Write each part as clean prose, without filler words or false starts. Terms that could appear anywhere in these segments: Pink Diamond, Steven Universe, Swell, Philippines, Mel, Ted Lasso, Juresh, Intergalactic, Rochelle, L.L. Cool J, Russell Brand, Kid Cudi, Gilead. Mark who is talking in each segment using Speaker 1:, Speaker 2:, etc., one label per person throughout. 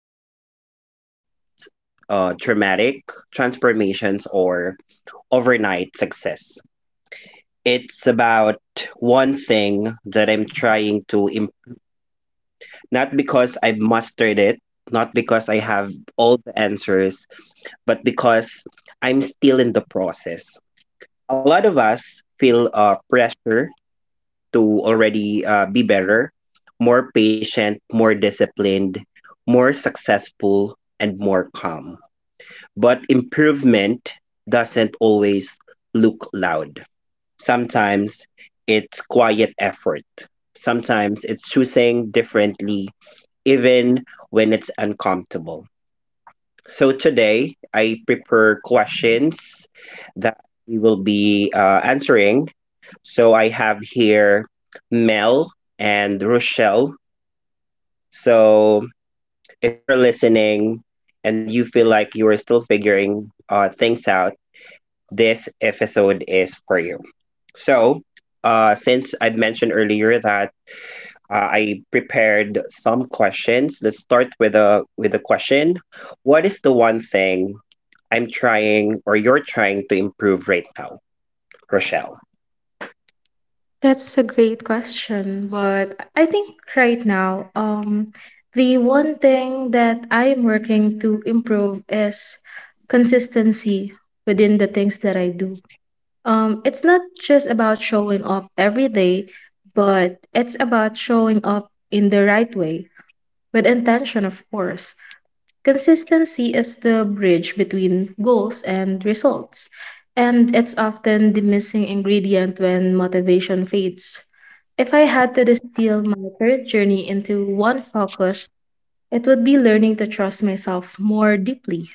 Speaker 1: perfection. It's not about dramatic transformations or overnight success. It's about one thing that I'm trying to not because I've mastered it, not because I have all the answers, but because I'm still in the process. A lot of us feel pressure to already be better, more patient, more disciplined, more successful, and more calm. But improvement doesn't always look loud. Sometimes it's quiet effort. Sometimes it's choosing differently, even when it's uncomfortable. So today, I prepare questions that we will be answering, so I have here Mel and Rochelle. So if you are listening and you feel like you are still figuring things out, this episode is for you. So, since I've mentioned earlier that I prepared some questions, let's start with a question. What is the one thing I'm trying or you're trying to improve right now, Rochelle?
Speaker 2: That's a great question, but I think right now, the one thing that I am working to improve is consistency within the things that I do. It's not just about showing up every day, but it's about showing up in the right way with intention, of course. Consistency is the bridge between goals and results, and it's often the missing ingredient when motivation fades. If I had to distill my current journey into one focus, it would be learning to trust myself more deeply.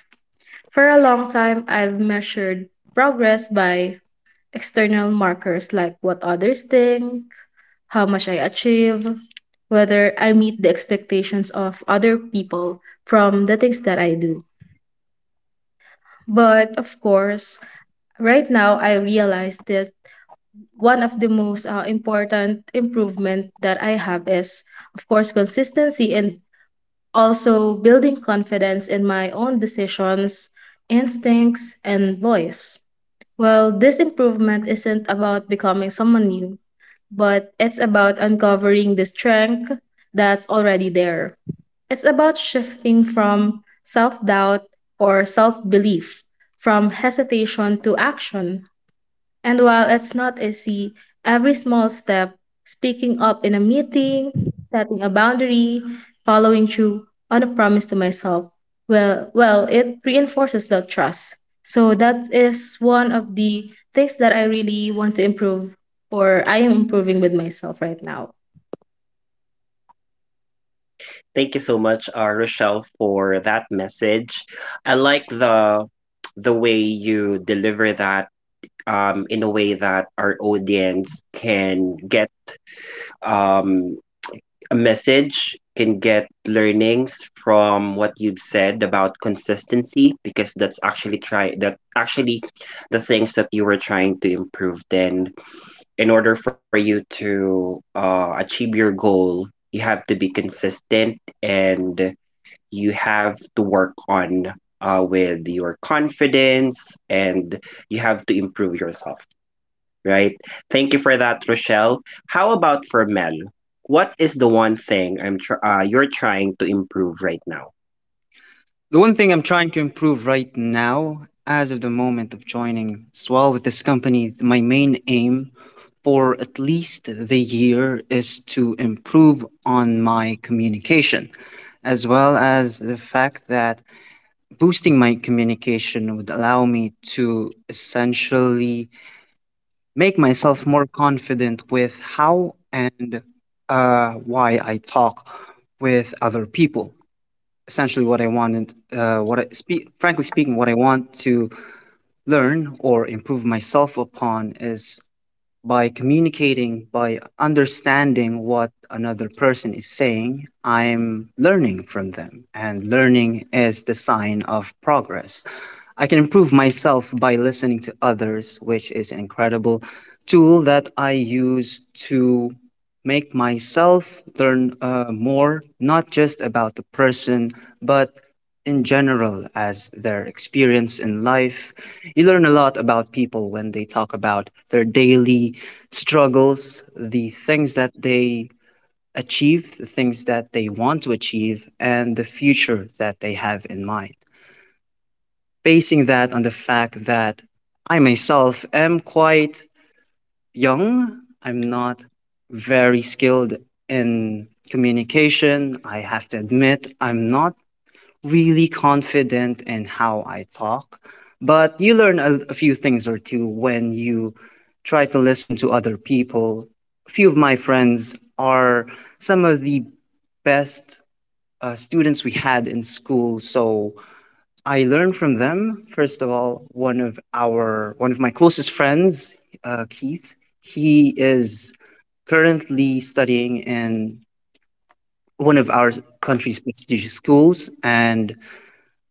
Speaker 2: For a long time, I've measured progress by external markers like what others think, how much I achieve, whether I meet the expectations of other people from the things that I do. But of course, right now I realize that one of the most important improvement that I have is, of course, consistency and also building confidence in my own decisions, instincts, and voice. Well, this improvement isn't about becoming someone new, but it's about uncovering the strength that's already there. It's about shifting from self doubt or self belief, from hesitation to action. And while it's not easy, every small step, speaking up in a meeting, setting a boundary, following through on a promise to myself, it reinforces that trust. So that is one of the things that I really want to improve or I am improving with myself right now.
Speaker 1: Thank you so much, Rochelle, for that message. I like the way you deliver that, in a way that our audience can get, um, a message, can get learnings from what you've said about consistency, because that actually the things that you were trying to improve. Then, in order for you to achieve your goal, you have to be consistent, and you have to work on, with your confidence, and you have to improve yourself, right? Thank you for that, Rochelle. How about for Mel? What is the one thing you're trying to improve right now?
Speaker 3: The one thing I'm trying to improve right now, as of the moment of joining Swell with this company, my main aim for at least the year is to improve on my communication, as well as the fact that boosting my communication would allow me to essentially make myself more confident with how and why I talk with other people essentially what I wanted, what I speak, frankly speaking, what I want to learn or improve myself upon is by communicating, by understanding what another person is saying, I'm learning from them. And learning is the sign of progress. I can improve myself by listening to others, which is an incredible tool that I use to make myself learn more, not just about the person, but in general as their experience in life. You learn a lot about people when they talk about their daily struggles, the things that they achieve, the things that they want to achieve, and the future that they have in mind. Basing that on the fact that I myself am quite young, I'm not very skilled in communication. I have to admit, I'm not really confident in how I talk, but you learn a few things or two when you try to listen to other people. A few of my friends are some of the best students we had in school, so I learned from them. First of all, one of my closest friends, Keith, he is currently studying in one of our country's prestigious schools and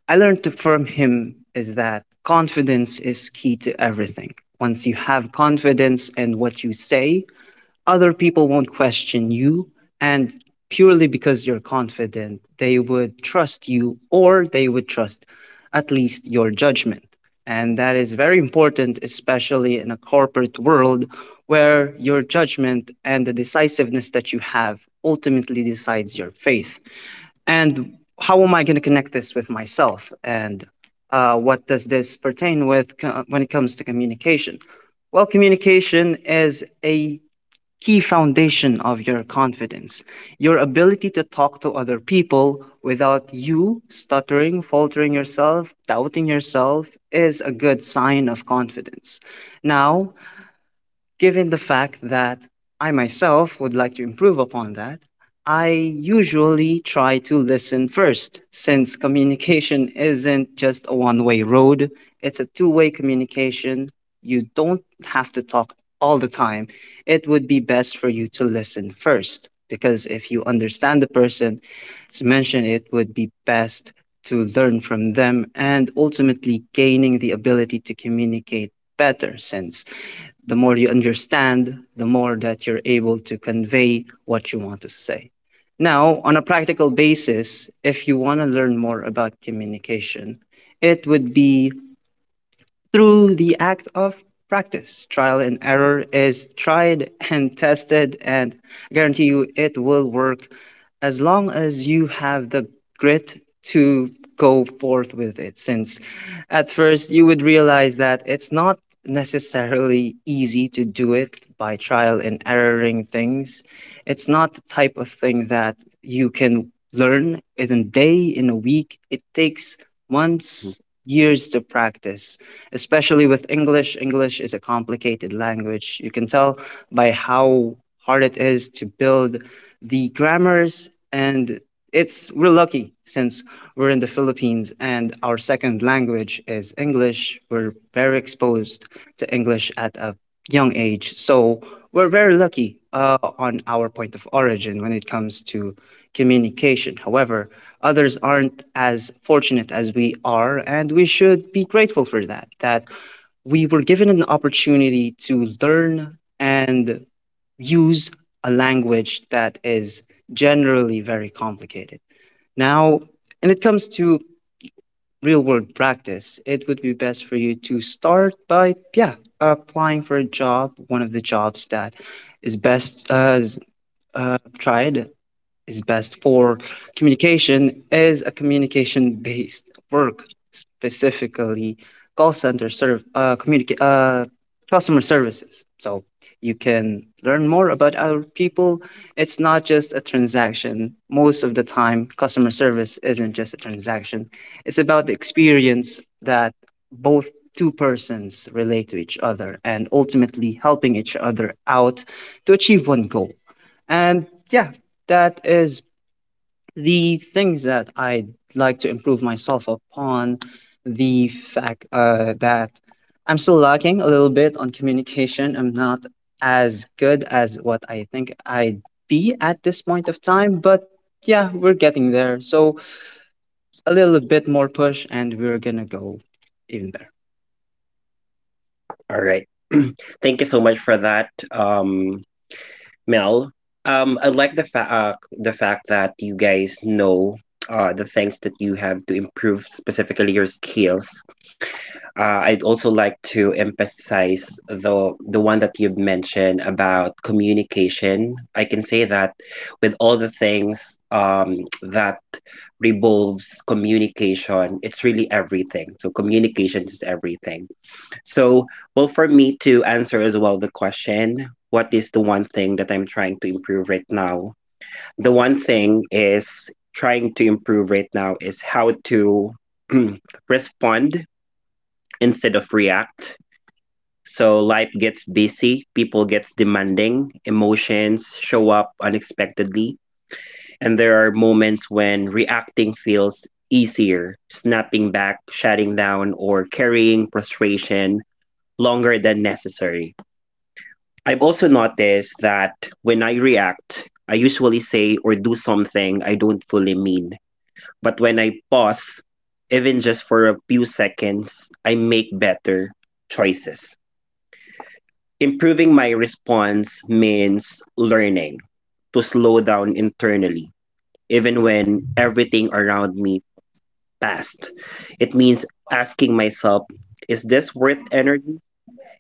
Speaker 3: I learned from him is that confidence is key to everything. Once you have confidence in what you say, other people won't question you. And purely because you're confident, they would trust you or they would trust at least your judgment. And that is very important, especially in a corporate world where your judgment and the decisiveness that you have ultimately decides your faith. And how am I going to connect this with myself, and what does this pertain when it comes to communication? Well, communication is a key foundation of your confidence. Your ability to talk to other people without you stuttering, faltering yourself, doubting yourself is a good sign of confidence. Now, given the fact that I myself would like to improve upon that, I usually try to listen first since communication isn't just a one way road, it's a two-way communication. You don't have to talk all the time. It would be best for you to listen first because if you understand the person, as mentioned, it would be best to learn from them and ultimately gaining the ability to communicate better since the more you understand, the more that you're able to convey what you want to say. Now, on a practical basis, if you want to learn more about communication, it would be through the act of practice. Trial and error is tried and tested, and I guarantee you it will work as long as you have the grit to go forth with it. Since at first you would realize that it's not necessarily easy to do it by trial and erroring things. It's not the type of thing that you can learn in a day, in a week. It takes
Speaker 1: Mhm.
Speaker 3: months, years to practice, especially with English. English is a complicated language. You can tell by how hard it is to build the grammars, and it's we're lucky since we're in the Philippines and our second language is English. We're very exposed to English at a young age. So we're very lucky on our point of origin when it comes to communication. However, others aren't as fortunate as we are, and we should be grateful for that, that we were given an opportunity to learn and use a language that is generally very complicated. Now, when it comes to real world practice, it would be best for you to start by, yeah, applying for a job. One of the jobs that is best uh, is, uh, tried is best for communication is a communication based work, specifically call center customer services. So you can learn more about our people. It's not just a transaction. Most of the time customer service isn't just a transaction. It's about the experience that both two persons relate to each other and ultimately helping each other out to achieve one goal. And yeah, that is the things that I'd like to improve myself upon. The fact that I'm still lacking a little bit on communication. I'm not as good as what I think I'd be at this point of time, but yeah, we're getting there. So a little bit more push, and we're gonna go even better.
Speaker 1: All right. Thank you so much for that, Mel. I like the fact that you guys know the things that you have to improve, specifically your skills. I'd also like to emphasize the one that you've mentioned about communication. I can say that with all the things, that revolves communication, it's really everything. So communication is everything. So, well, for me to answer as well the question, what is the one thing that I'm trying to improve right now? The one thing is trying to improve right now is how to respond instead of react. So life gets busy, people gets demanding, emotions show up unexpectedly, and there are moments when reacting feels easier, snapping back, shutting down, or carrying frustration longer than necessary. I've also noticed that when I react, I usually say or do something I don't fully mean. But when I pause, even just for a few seconds, I make better choices. Improving my response means learning to slow down internally, even when everything around me passed. It means asking myself, is this worth energy?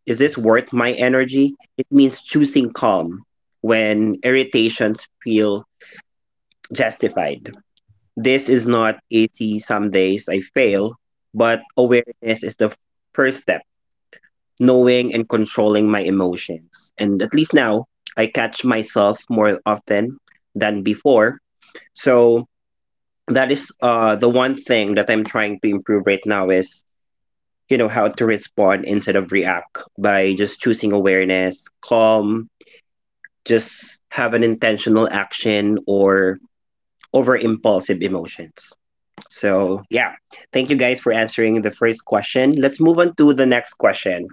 Speaker 1: Is this worth my energy? It means choosing calm when irritations feel justified. This is not easy. Some days I fail, but awareness is the first step, knowing and controlling my emotions. And at least now, I catch myself more often than before. So that is the one thing that I'm trying to improve right now is how to respond instead of react by just choosing awareness, calm, just have an intentional action or over impulsive emotions. So yeah, thank you guys for answering the first question. Let's move on to the next question.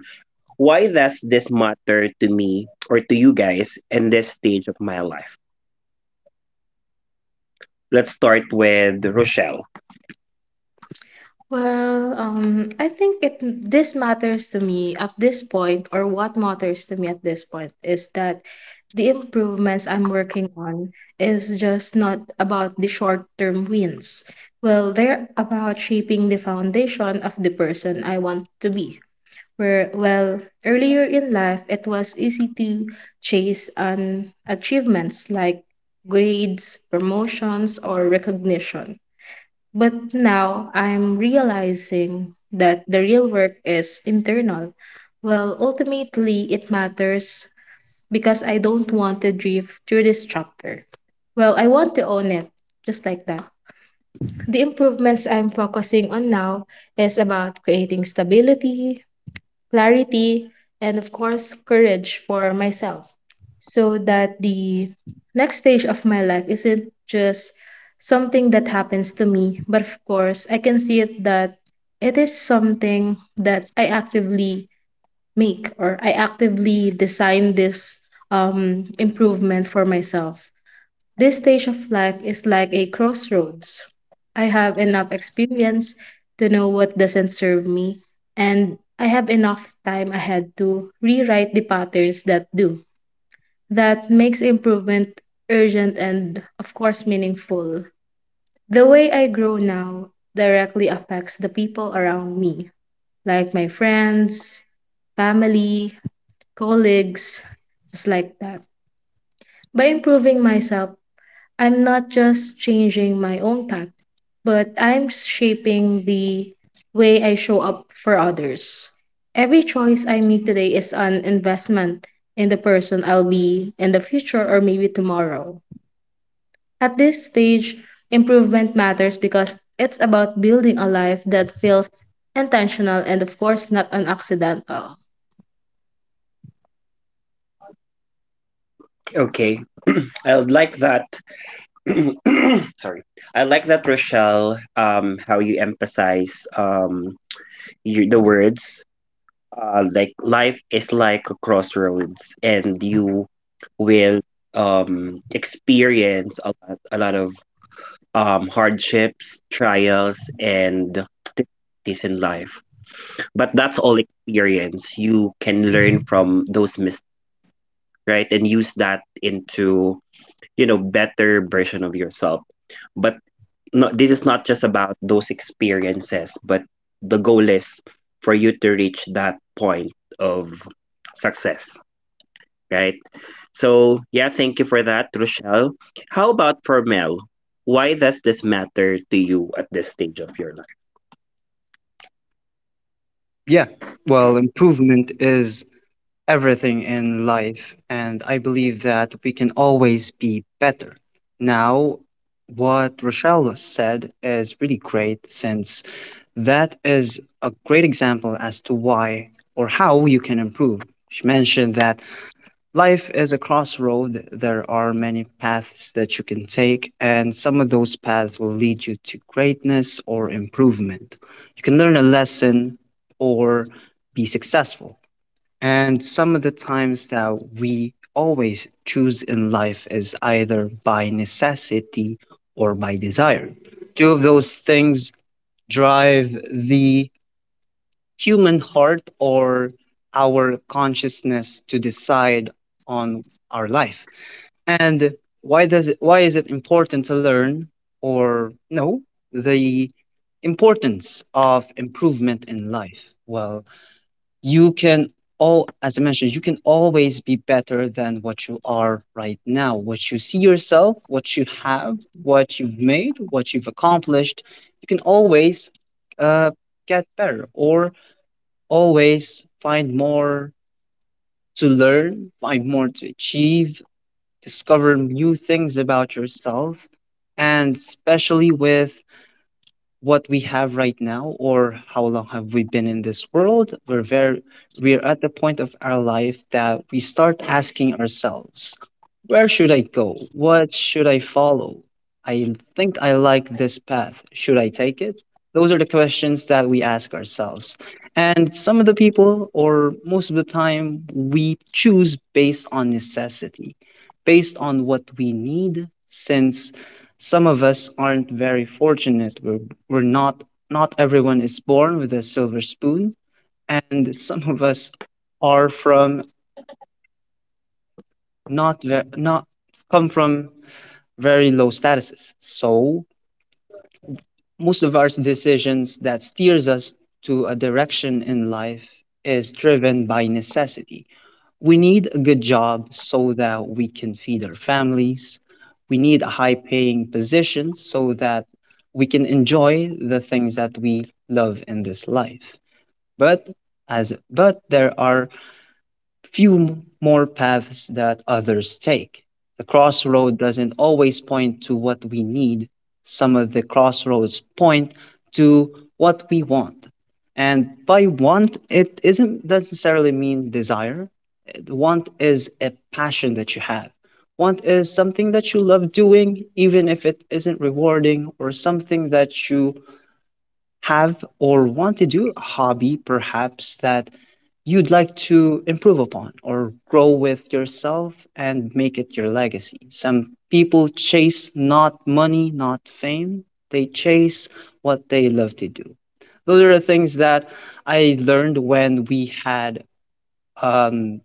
Speaker 1: Why does this matter to me or to you guys in this stage of my life? Let's start with Rochelle.
Speaker 2: Well, I think it this matters to me at this point, or what matters to me at this point is that the improvements I'm working on is just not about the short-term wins. Well, they're about shaping the foundation of the person I want to be. Earlier in life, it was easy to chase on achievements like grades, promotions, or recognition. But now I'm realizing that the real work is internal. Well, ultimately, it matters because I don't want to drift through this chapter. Well, I want to own it, just like that. The improvements I'm focusing on now is about creating stability, clarity, and of course, courage for myself so that the next stage of my life isn't just something that happens to me, but of course, I can see it that it is something that I actively make or I actively design this improvement for myself. This stage of life is like a crossroads. I have enough experience to know what doesn't serve me, and I have enough time ahead to rewrite the patterns that do. That makes improvement urgent and, of course, meaningful. The way I grow now directly affects the people around me, like my friends, family, colleagues, just like that. By improving myself, I'm not just changing my own path, but I'm shaping the way I show up for others. Every choice I make today is an investment in the person I'll be in the future or maybe tomorrow. At this stage, improvement matters because it's about building a life that feels intentional and, of course, not an accidental.
Speaker 1: Okay. I like that. Sorry. I like that, Rochelle, how you emphasize, you, the words, uh, like life is like a crossroads, and you will, experience a lot of, hardships, trials, and difficulties in life. But that's all experience. You can learn from those mistakes, right? And use that into, you know, better version of yourself. But no, this is not just about those experiences, but the goal is for you to reach that point of success, right? So, yeah, thank you for that, Rochelle. How about for Mel? Why does this matter to you at this stage of your life?
Speaker 3: Yeah. Well, improvement is everything in life, and I believe that we can always be better. Now, what Rochelle said is really great since that is a great example as to why or how you can improve. She mentioned that life is a crossroad. There are many paths that you can take, and some of those paths will lead you to greatness or improvement. You can learn a lesson or be successful. And some of the times that we always choose in life is either by necessity or by desire. Two of those things drive the human heart or our consciousness to decide on our life. And why does it, why is it important to learn or know the importance of improvement in life? Well, you can, all as I mentioned, you can always be better than what you are right now, what you see yourself, what you have, what you've made, what you've accomplished. You can always uh, get better or always find more to learn, find more to achieve, discover new things about yourself, and especially with what we have right now or how long have we been in this world, we're very we're at the point of our life that we start asking ourselves, where should I go? What should I follow? I think I like this path. Should I take it? Those are the questions that we ask ourselves. And some of the people or most of the time we choose based on necessity, based on what we need since some of us aren't very fortunate. We're not not everyone is born with a silver spoon, and some of us are from not ve- not come from very low statuses. So most of our decisions that steers us to a direction in life is driven by necessity. We need a good job so that we can feed our families. We need a high paying position so that we can enjoy the things that we love in this life. But as but there are few m- more paths that others take. The crossroad doesn't always point to what we need. Some of the crossroads point to what we want. And by want, it isn't doesn't necessarily mean desire. It- Want is a passion that you have. Want is something that you love doing, even if it isn't rewarding, or something that you have or want to do, a hobby perhaps that you'd like to improve upon or grow with yourself and make it your legacy. Some people chase not money, not fame, they chase what they love to do. Those are the things that I learned when we had um,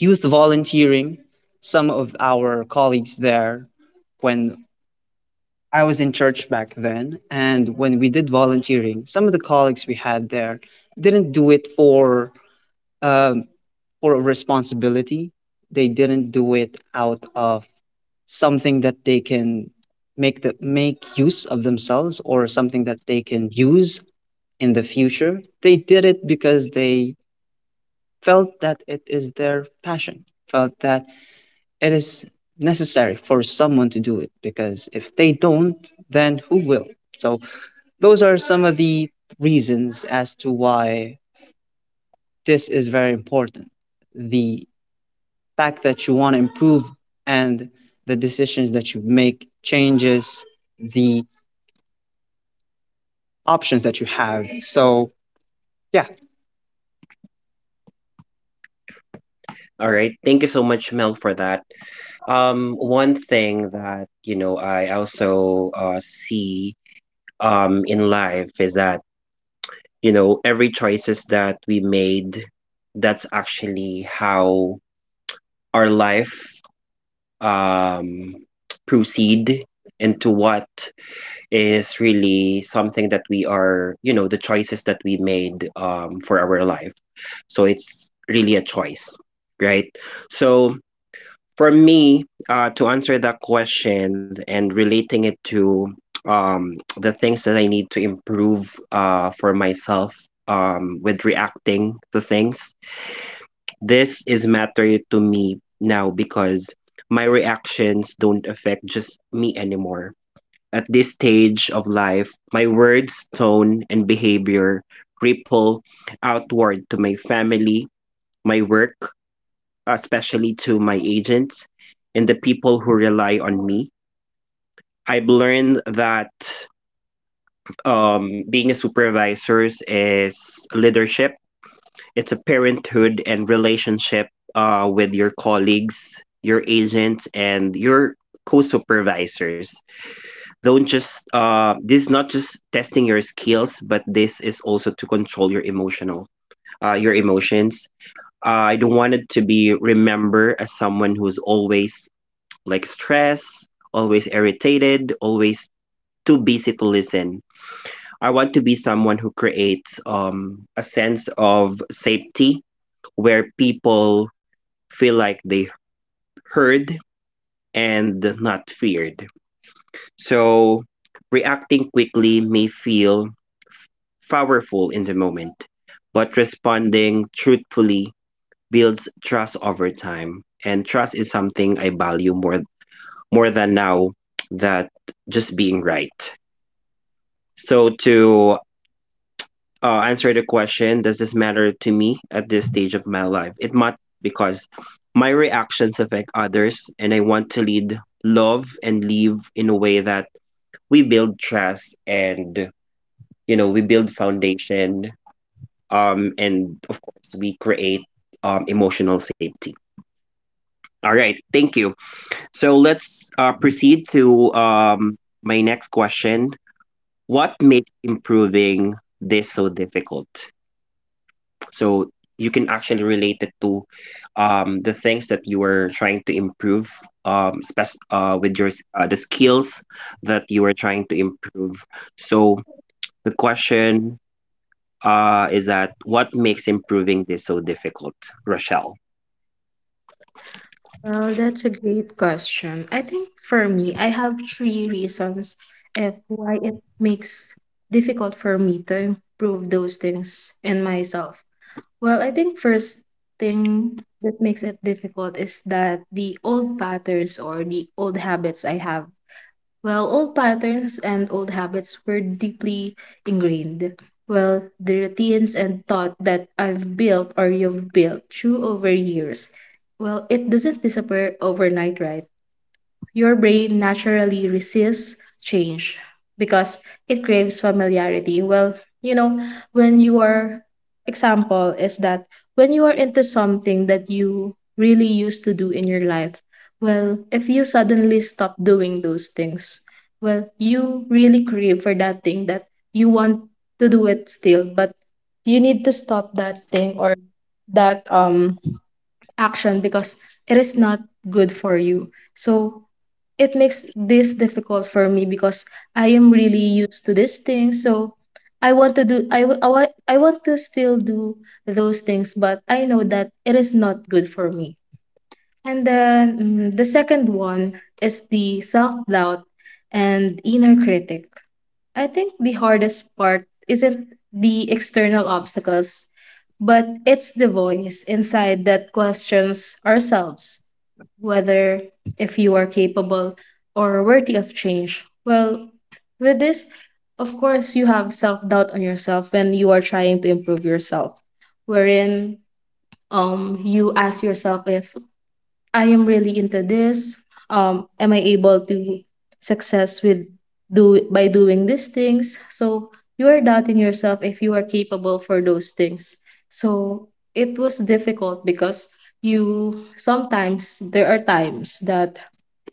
Speaker 3: youth volunteering. Some of our colleagues there, when I was in church back then, and when we did volunteering, some of the colleagues we had there didn't do it um, for a responsibility. They didn't do it out of something that they can make the make use of themselves or something that they can use in the future. They did it because they felt that it is their passion, felt that it is necessary for someone to do it because if they don't, then who will? So, those are some of the reasons as to why this is very important. The fact that you want to improve and the decisions that you make changes the options that you have. So, yeah.
Speaker 1: All right. Thank you so much, Mel, for that. One thing that, you know, I also see, in life is that, you know, every choices that we made, that's actually how our life, um, proceed into what is really something that we are, you know, the choices that we made, for our life. So it's really a choice, right? So for me, to answer that question and relating it to, the things that I need to improve, for myself, with reacting to things, this is matter to me now because my reactions don't affect just me anymore. At this stage of life, my words, tone, and behavior ripple outward to my family, my work, especially to my agents and the people who rely on me. I've learned that, being a supervisor is leadership. It's a parenthood and relationship with your colleagues, your agents, and your co-supervisors. Don't just this is not just testing your skills, but this is also to control your your emotions. I don't want it to be remember as someone who's always like stress, always irritated, always too busy to listen. I want to be someone who creates, a sense of safety where people feel like they heard and not feared. So reacting quickly may feel f- powerful in the moment, but responding truthfully builds trust over time. And trust is something I value more than now that just being right. So to answer the question, does this matter to me at this stage of my life? It might because my reactions affect others, and I want to lead love and live in a way that we build trust and, you know, we build foundation. And of course we create, emotional safety. All right, thank you. So let's, proceed to, my next question. What makes improving this so difficult, so you can actually relate it to, the things that you were trying to improve, with your the skills that you were trying to improve. So the question, is that what makes improving this so difficult, Rochelle?
Speaker 2: Well, that's a great question. I think for me, I have three reasons of why it makes difficult for me to improve those things in myself. Well, I think first thing that makes it difficult is that the old patterns or the old habits I have, well, old patterns and old habits were deeply ingrained. Well, the routines and thought that I've built or you've built through over years. Well, it doesn't disappear overnight, right? Your brain naturally resists change because it craves familiarity. Well, you know, when you are example is that when you are into something that you really used to do in your life, well, if you suddenly stop doing those things, well, you really crave for that thing that you want to do it still, but you need to stop that thing or that action because it is not good for you. So it makes this difficult for me because I am really used to this thing. So I want to still do those things, but I know that it is not good for me. And then the second one is the self doubt and inner critic. I think the hardest part isn't the external obstacles, but it's the voice inside that questions ourselves whether if you are capable or worthy of change. Well, with this, of course, you have self doubt on yourself when you are trying to improve yourself, wherein you ask yourself if I am really into this. Am I able to success with do by doing these things? So you are doubting yourself if you are capable for those things. So it was difficult because you sometimes there are times that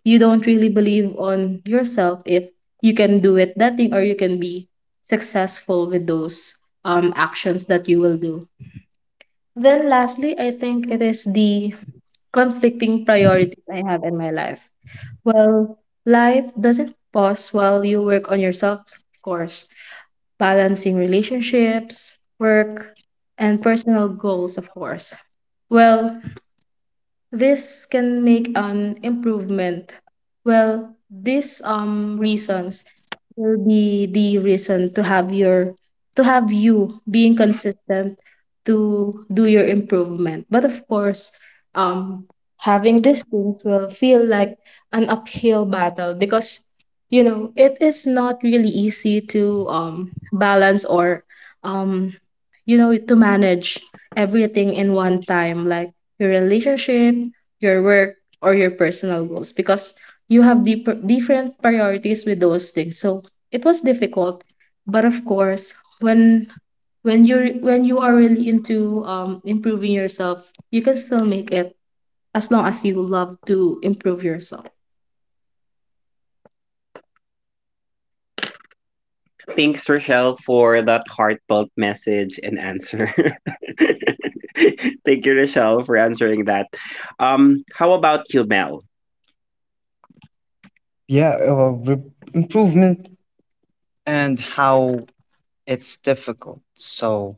Speaker 2: you don't really believe on yourself if you can do it that thing or you can be successful with those actions that you will do. Then lastly, I think it is the conflicting priorities I have in my life. Well, life doesn't pause while you work on yourself, of course, balancing relationships, work, and personal goals, of course. Well, this can make an improvement. Well, these reasons will be the reason to have your to have you being consistent to do your improvement, but of course, um having these things will feel like an uphill battle because you know it is not really easy to balance or um you know to manage everything in one time like your relationship, your work, or your personal goals because you have deep, different priorities with those things. So it was difficult, but of course, when when you are really into improving yourself, you can still make it as long as you love to improve yourself.
Speaker 1: Thanks, Rochelle, for that heartfelt message and answer. Thank you, Rochelle, for answering that. How about you, Mel?
Speaker 3: Yeah, improvement and how it's difficult. So,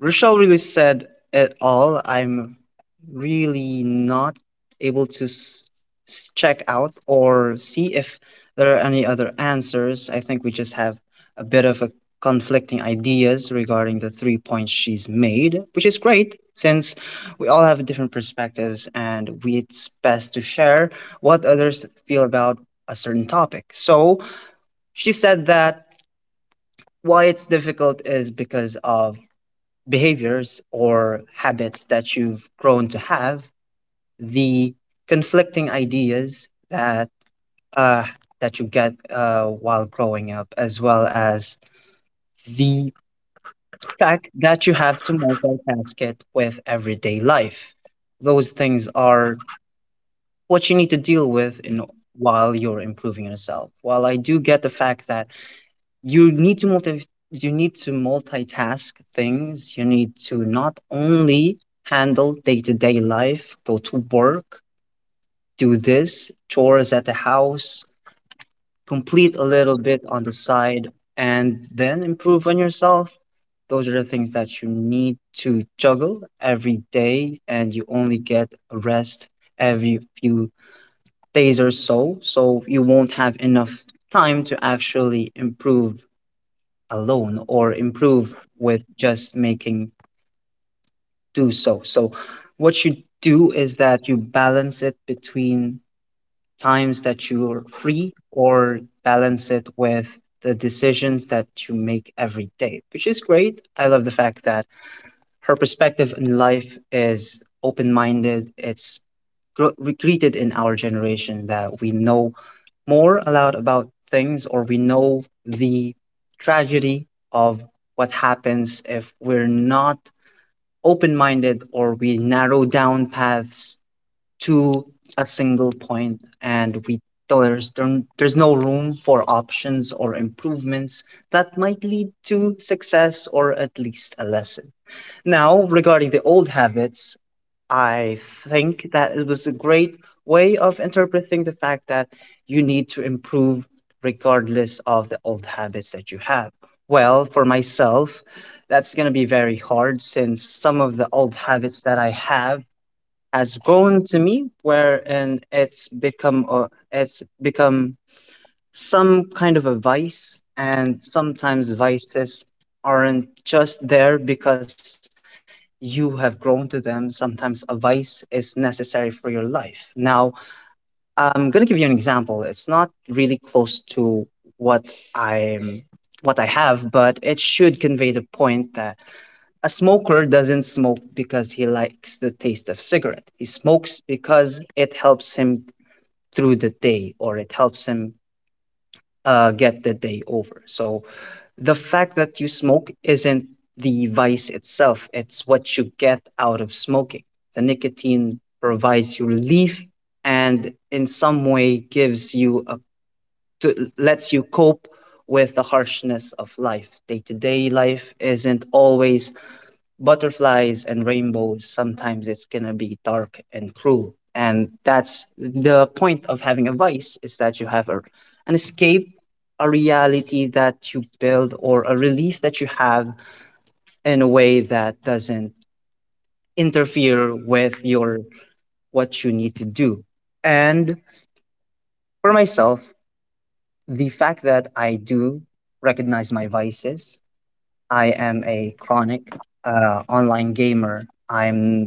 Speaker 3: Rochelle really said it all. I'm really not able to check out or see if there are any other answers. I think we just have a bit of a conflicting ideas regarding the three points she's made, which is great since we all have different perspectives, and it's best to share what others feel about a certain topic. So she said that why it's difficult is because of behaviors or habits that you've grown to have, the conflicting ideas uh, that you get while growing up, as well as the fact that you have to multitask it with everyday life. Those things are what you need to deal with in while you're improving yourself. While I do get the fact that you need to multitask things. You need to not only handle day-to-day life, go to work, do this, chores at the house, complete a little bit on the side, and then improve on yourself. Those are the things that you need to juggle every day, and you only get a rest every few days or so. So you won't have enough time to actually improve alone or improve with just making do so. So, what you do is that you balance it between times that you're free or balance it with the decisions that you make every day, which is great. I love the fact that her perspective in life is open minded. It's greeted in our generation that we know more aloud about things or we know the tragedy of what happens if we're not open minded or we narrow down paths to a single point, and we there's no room for options or improvements that might lead to success or at least a lesson. Now, regarding the old habits, I think that it was a great way of interpreting the fact that you need to improve regardless of the old habits that you have. Well, for myself, that's going to be very hard, since some of the old habits that I have has grown to me, wherein it's become some kind of a vice. And sometimes vices aren't just there because you have grown to them. Sometimes a vice is necessary for your life. Now, I'm going to give you an example. It's not really close to what i'm what I have, but it should convey the point that a smoker doesn't smoke because he likes the taste of cigarette. He smokes because it helps him through the day, or it helps him get the day over. So the fact that you smoke isn't the vice itself, it's what you get out of smoking. The nicotine provides you relief and in some way gives you a lets you cope with the harshness of life. Day to day life isn't always butterflies and rainbows. Sometimes it's gonna be dark and cruel, and that's the point of having a vice, is that you have a, an escape, a reality that you build or a relief that you have in a way that doesn't interfere with your what you need to do. And for myself, the fact that I do recognize my vices, I am a chronic online gamer. I'm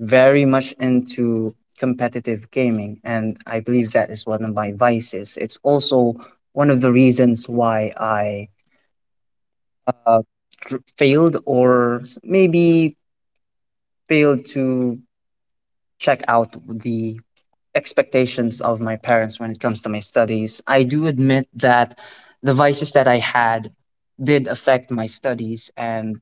Speaker 3: very much into competitive gaming, and I believe that is one of my vices. It's also one of the reasons why I uh, failed or maybe failed to check out the expectations of my parents when it comes to my studies. I do admit that the vices that I had did affect my studies, and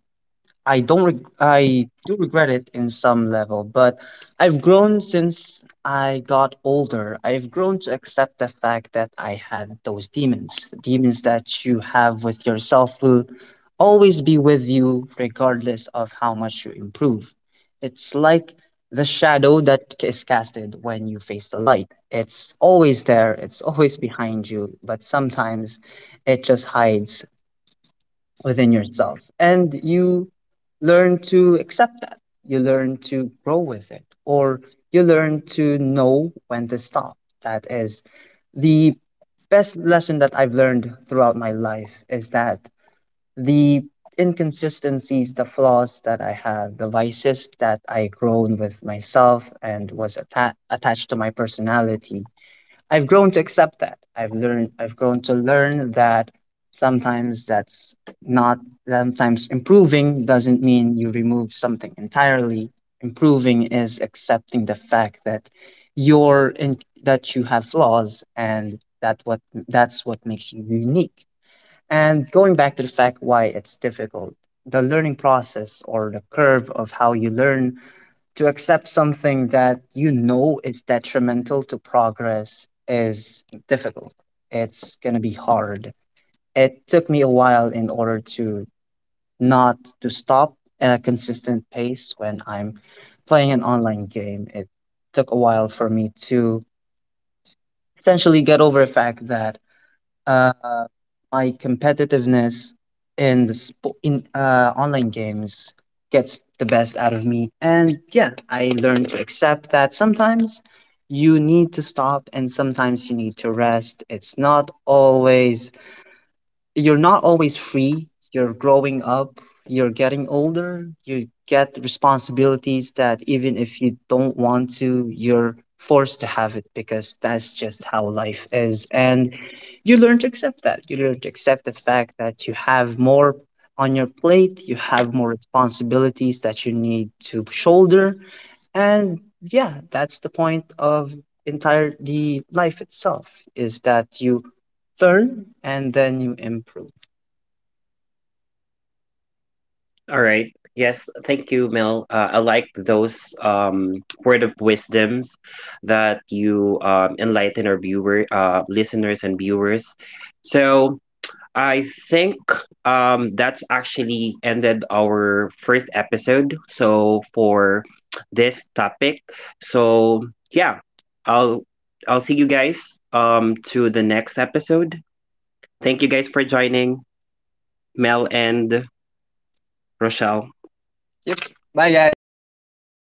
Speaker 3: I don't reg- I do regret it in some level, but I've grown since I got older. I've grown to accept the fact that I had those demons. Demons that you have with yourself will always be with you regardless of how much you improve. It's like the shadow that is casted when you face the light. It's always there, it's always behind you, but sometimes it just hides within yourself, and you learn to accept that. You learn to grow with it, or you learn to know when to stop. That is the best lesson that I've learned throughout my life, is that the inconsistencies, the flaws that I have, the vices that I grown with myself and was attached to my personality, I've grown to accept that. I've grown to learn that sometimes that's not sometimes improving doesn't mean you remove something entirely. Improving is accepting the fact that you have flaws, and that what that's what makes you unique. And going back to the fact why it's difficult, the learning process or the curve of how you learn to accept something that you know is detrimental to progress is difficult. It's going to be hard. It took me a while in order to not to stop at a consistent pace when I'm playing an online game. It took a while for me to essentially get over the fact that uh, my competitiveness in online games gets the best out of me. And yeah, I learned to accept that sometimes you need to stop and sometimes you need to rest. It's not always you're not always free. You're growing up, you're getting older, you get responsibilities that even if you don't want to, you're forced to have it because that's just how life is. And you learn to accept that. You learn to accept the fact that you have more on your plate, you have more responsibilities that you need to shoulder. And yeah, that's the point of entire the life itself is that you turn and then you improve.
Speaker 1: All right. Yes, thank you, Mel. I like those, word of wisdoms that you, enlighten our viewer, listeners, and viewers. So I think, that's actually ended our first episode. So for this topic, so yeah, I'll I'll see you guys, to the next episode. Thank you guys for joining, Mel and Rochelle.
Speaker 3: Yep. Bye guys. See you.
Speaker 2: Thank you.